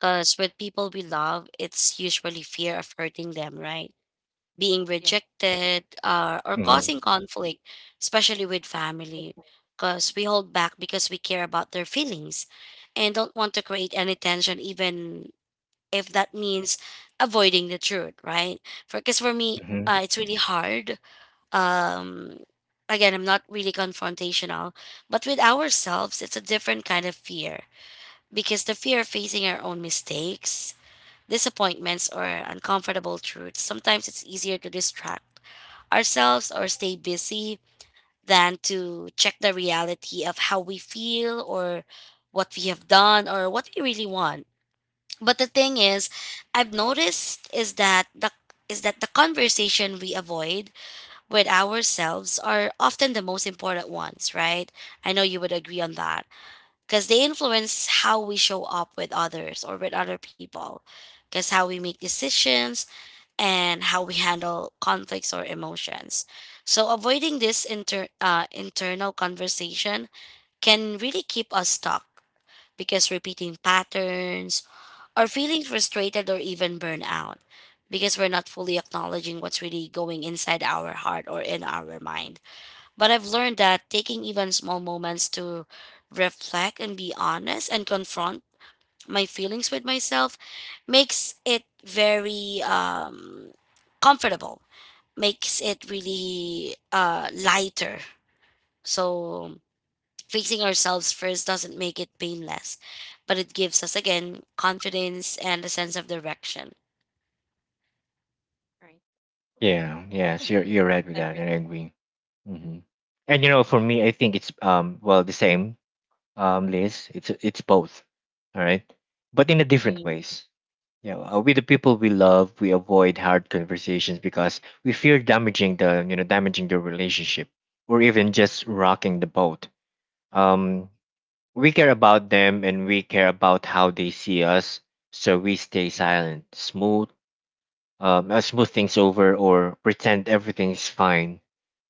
because with people we love, it's usually fear of hurting them, right? Being yeah. rejected, or causing conflict, especially with family, because we hold back because we care about their feelings and don't want to create any tension, even if Yeah. that means avoiding the truth, right? For Yeah. me, it's really hard. Um, Again, I'm not really confrontational, but with ourselves, it's a different kind of fear because the fear of facing our own mistakes, disappointments, or uncomfortable truths, sometimes it's easier to distract ourselves or stay busy than to check the reality of how we feel or what we have done or what we really want. But the thing is, I've noticed is that the conversation we avoid with ourselves are often the most important ones, right? I know you would agree on that because they influence how we show up with others or with other people, because how we make decisions and how we handle conflicts or emotions. So, avoiding this internal conversation can really keep us stuck because repeating patterns or feeling frustrated or even burnout, because we're not fully acknowledging what's really going inside our heart or in our mind. But I've learned that taking even small moments to reflect and be honest and confront my feelings with myself makes it very um, comfortable makes it really lighter. So fixing ourselves first doesn't make it painless, but it gives us again confidence and a sense of direction. Right. Yeah. I Yes. agree with You're right with that, and I everything. agree. Hmm. And Yep. you know, for me, I think it's well the same Liz. It's both. All right, but in a different Mm. ways. Yeah. Uh, with the people we love, we avoid hard conversations because we fear damaging the you know damaging the relationship or even just rocking the boat. Um, We care about them and we care about how they see us, so we stay silent, smooth, smooth things over, or pretend everything's fine.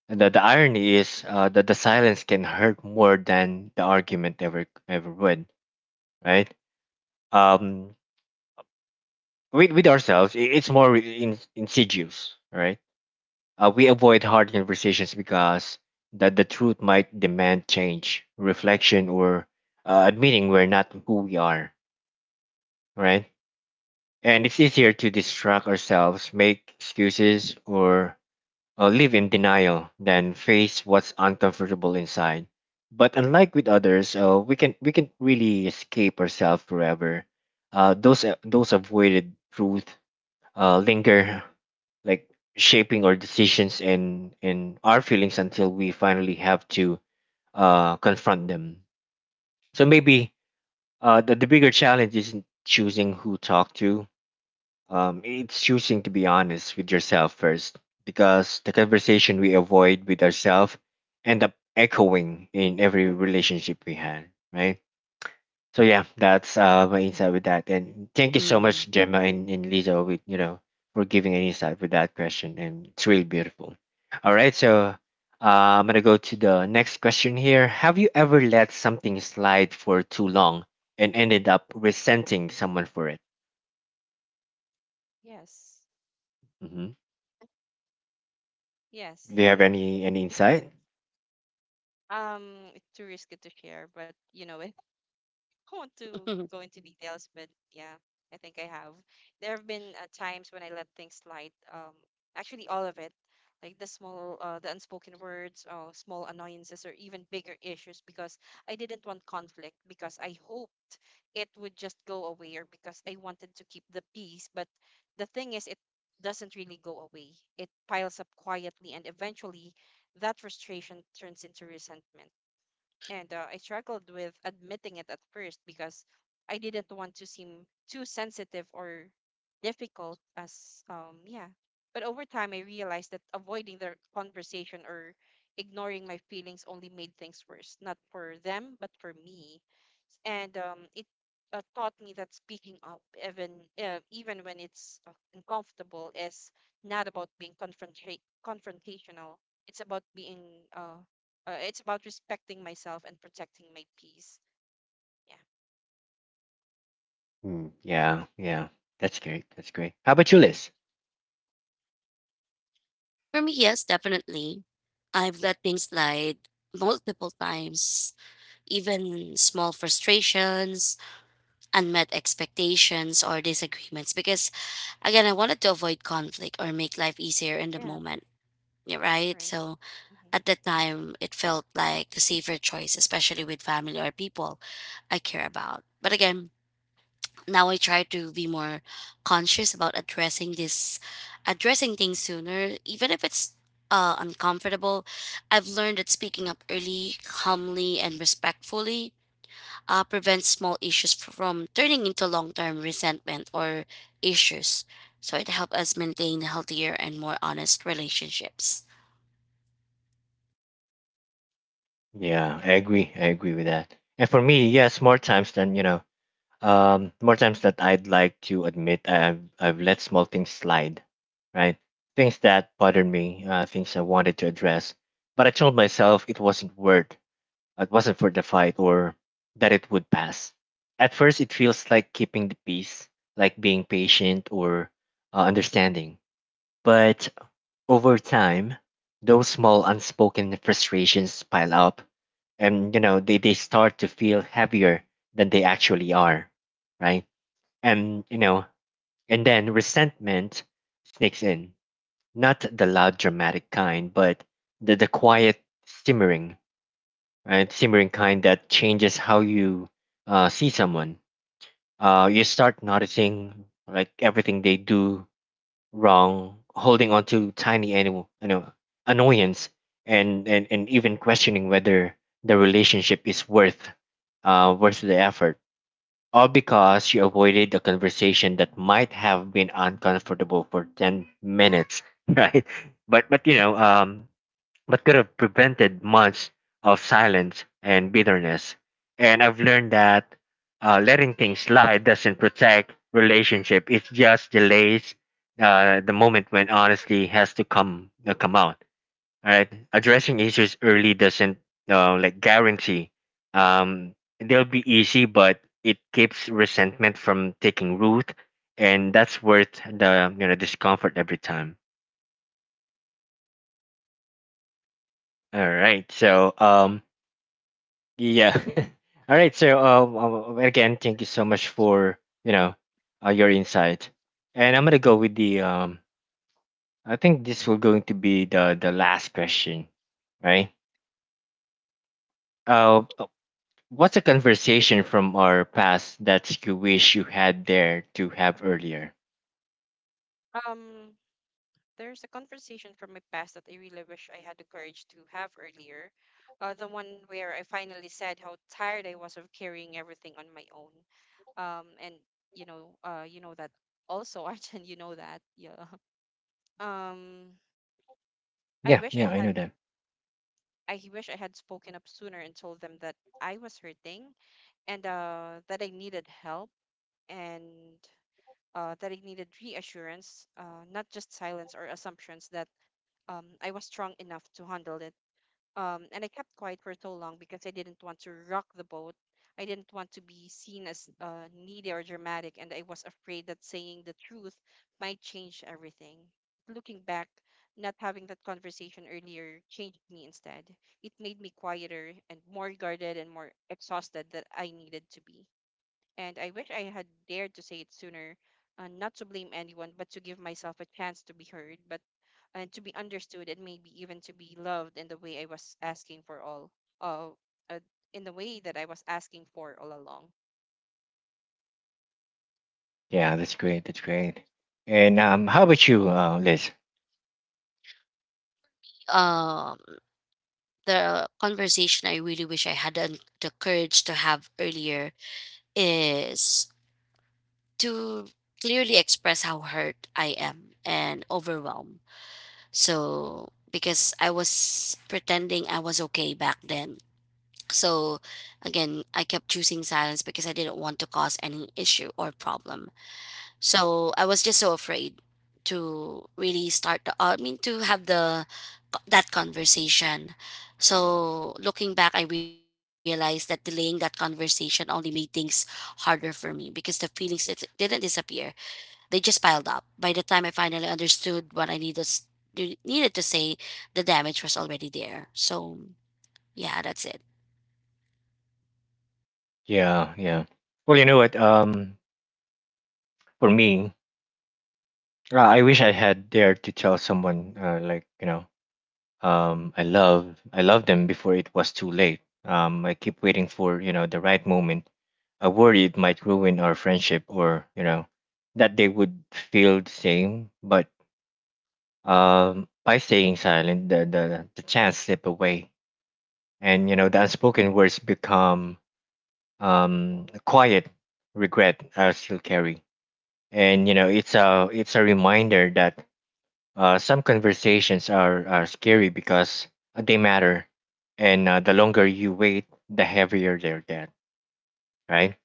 And the irony is that the silence can hurt more than the argument ever would, right? Um, with ourselves, it's more insidious, right? We avoid hard conversations because that the truth might demand change, reflection, or admitting we're not who we are, right? And it's easier to distract ourselves, make excuses, or live in denial than face what's uncomfortable inside. But unlike with others, we can really escape ourselves forever. Those avoided truth linger, like shaping our decisions and our feelings until we finally have to confront them. So maybe the bigger challenge isn't choosing who talk to, it's choosing to be honest with yourself first, because the conversation we avoid with ourselves end up echoing in every relationship we had, right? So Right. yeah, that's my insight with that. And thank you so much, Gemma Mm. and Lisa, with you know for giving an insight with that question, and it's really beautiful. All right, so I'm gonna go to the next question here. Have you ever let something slide for too long and ended up resenting someone for it? Yes. Mhm. Yes. Do you have any insight? It's too risky to share, but you know, don't want to go into details, but <laughs> yeah, I think I have. There have been times when I let things slide. Actually, all of it, like the small, the unspoken words, or small annoyances, or even bigger issues, because I didn't want conflict, because I hoped it would just go away, or because I wanted to keep the peace. But the thing is, it doesn't really go away. It piles up quietly, and eventually, that frustration turns into resentment. And I struggled with admitting it at first because I didn't want to seem too sensitive or difficult, as yeah. But over time I realized that avoiding the conversation or ignoring my feelings only made things worse, not for them but for me. And it taught me that speaking up, even even when it's uncomfortable, is not about being confrontational. It's about being uh it's about respecting myself and protecting my peace. Yeah. Hmm. Yeah, yeah, that's great. That's great. How about you, Liz? For me, yes, definitely. I've let things slide multiple times, even small frustrations, unmet expectations, or disagreements, because again, I wanted to avoid conflict or make life easier in the Yeah, moment. Yeah, right? right. So Hmm. at the time, it felt like the safer choice, especially with family or people I care about. But again, now I try to be more conscious about addressing things sooner, even if it's uncomfortable. I've learned that speaking up early, calmly, and respectfully prevents small issues from turning into long term resentment or issues. So it helps us maintain healthier and more honest relationships. Yeah, I agree. I agree with that. And for me, yes, more times than you know, more times that I'd like to admit, I've let small things slide, right? Things that bothered me, things I wanted to address, but I told myself it wasn't worth, it wasn't for the fight, or that it would pass. At first, it feels like keeping the peace, like being patient or understanding. But over time, those small unspoken frustrations pile up and you know they start to feel heavier than they actually are, right? And you know, and then resentment sneaks in. Not the loud dramatic kind, but the quiet simmering, right? Simmering kind that changes how you see someone. You start noticing like everything they do wrong, holding on to tiny animal, you know, annoyance, and even questioning whether the relationship is worth worth the effort. All because you avoided a conversation that might have been uncomfortable for 10 minutes, <laughs> right? But you know, but could have prevented months of silence and bitterness. And I've learned that letting things slide doesn't protect relationship. It just delays the moment when honesty has to come out. All right, addressing issues early doesn't like guarantee um, they'll be easy, but it keeps resentment from taking root, and that's worth the you know discomfort every time. All right, Right. so yeah. <laughs> All right. So again, thank you so much for you know your insight, and I'm gonna go with the. I think this will going to be the last question, right? Uh, uh, what's a conversation from our past that you wish you had there to have earlier? Um, there's a conversation from my past that I really wish I had the courage to have earlier. The one where I finally said how tired I was of carrying everything on my own. And You know, you know that also, <laughs> Arjun, you know that. Yeah. Um, I Yeah. wish I Yeah, I had. know that. I wish I had spoken up sooner and told them that I was hurting and that I needed help, and that I needed reassurance, not just silence or assumptions that I was strong enough to handle it. And I kept quiet for so long because I didn't want to rock the boat. I didn't want to be seen as needy or dramatic, and I was afraid that saying the truth might change everything. Looking back, not having that conversation earlier changed me instead. It made me quieter and more guarded and more exhausted than I needed to be, and I wish I had dared to say it sooner, not to blame anyone, but to give myself a chance to be heard, but and to be understood, and maybe even to be loved in the way I was asking for all, uh, uh, in the way that I was asking for all along. Yeah, that's great. That's great. And how about you, Liz? Um, the conversation I really wish I had the courage to have earlier is to clearly express how hurt I am and overwhelmed. So, because I was pretending I was okay back then. So, again, I kept choosing silence because I didn't want to cause any issue or problem. So Yeah. I was just so afraid to really I mean to have the that conversation. So looking back, I realized that delaying that conversation only made things harder for me, because the feelings, it didn't disappear. They just piled up. By the time I finally understood what I needed to say, the damage was already there. So yeah, that's it. Yeah. Yeah. Well, you know what? For me, I wish I had dared to tell someone, like you know, I love them before it was too late. I keep waiting for the right moment. I worry it might ruin our friendship, or that they would feel the same. But by staying silent, the chance slip away, and the unspoken words become quiet regret I still carry. And it's a reminder that some conversations are scary because they matter, and the longer you wait, the heavier they'll get, right?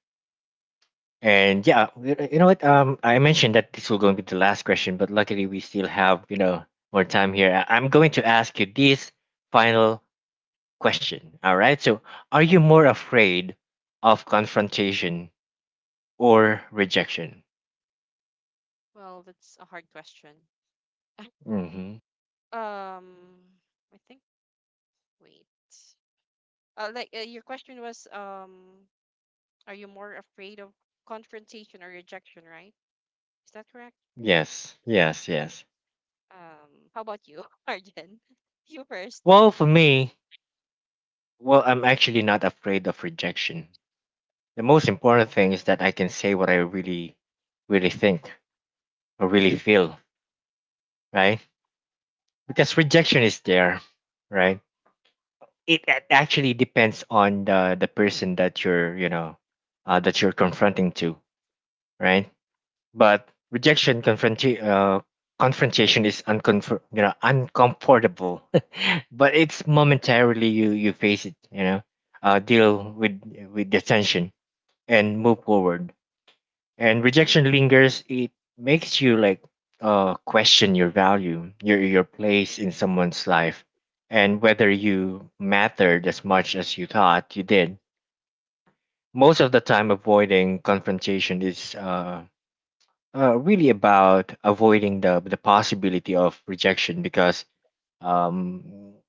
Right. And yeah, y- you know what? I mentioned that this will going to be the last question, but luckily we still have more time here. I'm going to ask you this final question. All right. So, are you more afraid of confrontation or rejection? Well, that's a hard question. Mm-hmm. Um, I think. Wait. Your question was, are you more afraid of confrontation or rejection? Right? Is that correct? Yes. Yes. Yes. How about you, <laughs> Arjen? <laughs> You first. Well, for me, well, I'm actually not afraid of rejection. The most important thing is that I can say what I really, really think or really feel, right? Because rejection is there, right? It, actually depends on the person that you're, that you're confronting to, right? But confrontation is uncomfortable, <laughs> but it's momentarily you face it, deal with the tension and move forward, and rejection lingers. It makes you like question your value, your place in someone's life, and whether you mattered as much as you thought you did. Most of the time, avoiding confrontation is really about avoiding the possibility of rejection, um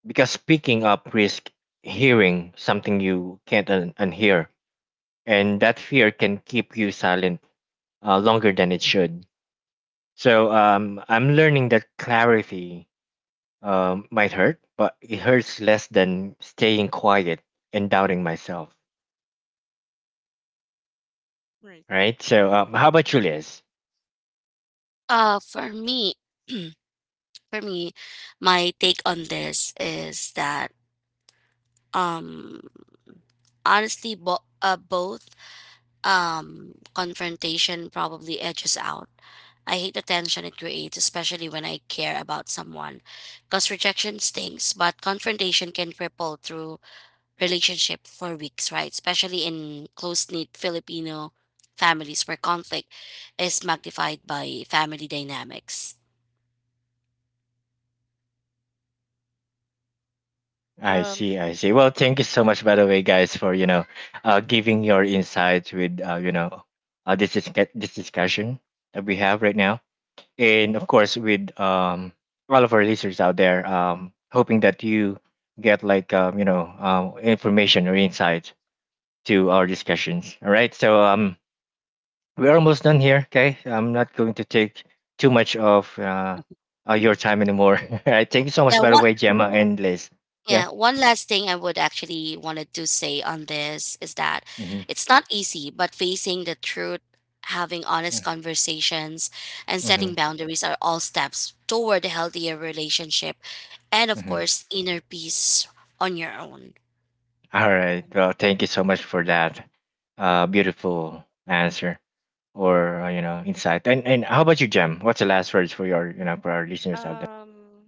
because speaking up risk hearing something you can't unhear, and that fear can keep you silent longer than it should. So I'm learning that clarity might hurt, but it hurts less than staying quiet and doubting myself. Right. Right. So how about you, Liz? For me, <clears throat> for me my take on this is that, um honestly, both, confrontation probably edges out. I hate the tension it creates, especially when I care about someone. Because rejection stinks, but confrontation can ripple through relationship for weeks, right? Especially in close-knit Filipino families where conflict is magnified by family dynamics. I Um, see. I see. Well, thank you so much, by the way, guys, for giving your insights with this is this discussion that we have right now, and of course with all of our listeners out there, hoping that you get like information or insights to our discussions. All right, so we're almost done here. Okay, I'm not going to take too much of your time anymore. <laughs> All right, thank you so much, Yeah, by the way, Gemma and Liz. Yeah. yeah, one last thing I would actually wanted to say on this is that Mm-hmm. it's not easy, but facing the truth, having honest Mm-hmm. conversations, and Mm-hmm. setting boundaries are all steps toward a healthier relationship and, of Mm-hmm. course, inner peace on your own. All right. right. Well, thank you so much for that beautiful answer or insight. And how about you, Gem? What's the last words for your for our listeners out there? Um,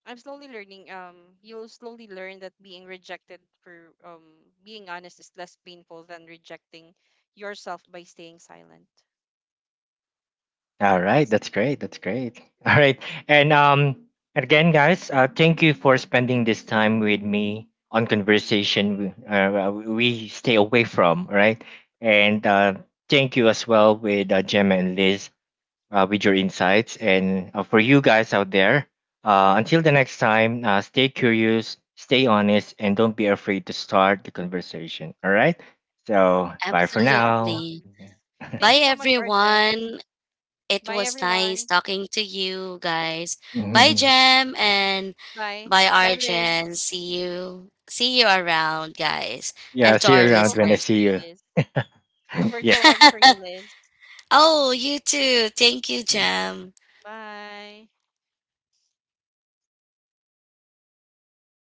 I'm slowly learning. You'll slowly learn that being rejected for being honest is less painful than rejecting yourself by staying silent. All Yeah, right, that's that's it. great. That's great. All right, and again, guys, thank you for spending this time with me on conversation we stay away from. All right, and thank you as well with Gemma and Liz, with your insights, and for you guys out there. Until the next time, stay curious, stay honest, and don't be afraid to start the conversation. All right. So bye for Thank, now. Absolutely. Okay. yes. Thank you Bye, so much, Arjen. everyone. It Bye, was everyone. nice talking to you guys. Bye, Yes. <laughs> Jem, and Bye. bye, Bye, Liz. Arjen. See you. See you around, guys, Yeah, and Yes, to and see you our virtual around when I hugs listeners. for see you, you. Liz. <laughs> Yeah, Virtual hugs for you, Liz. <laughs> Oh, you too. Thank you, Jam. Bye.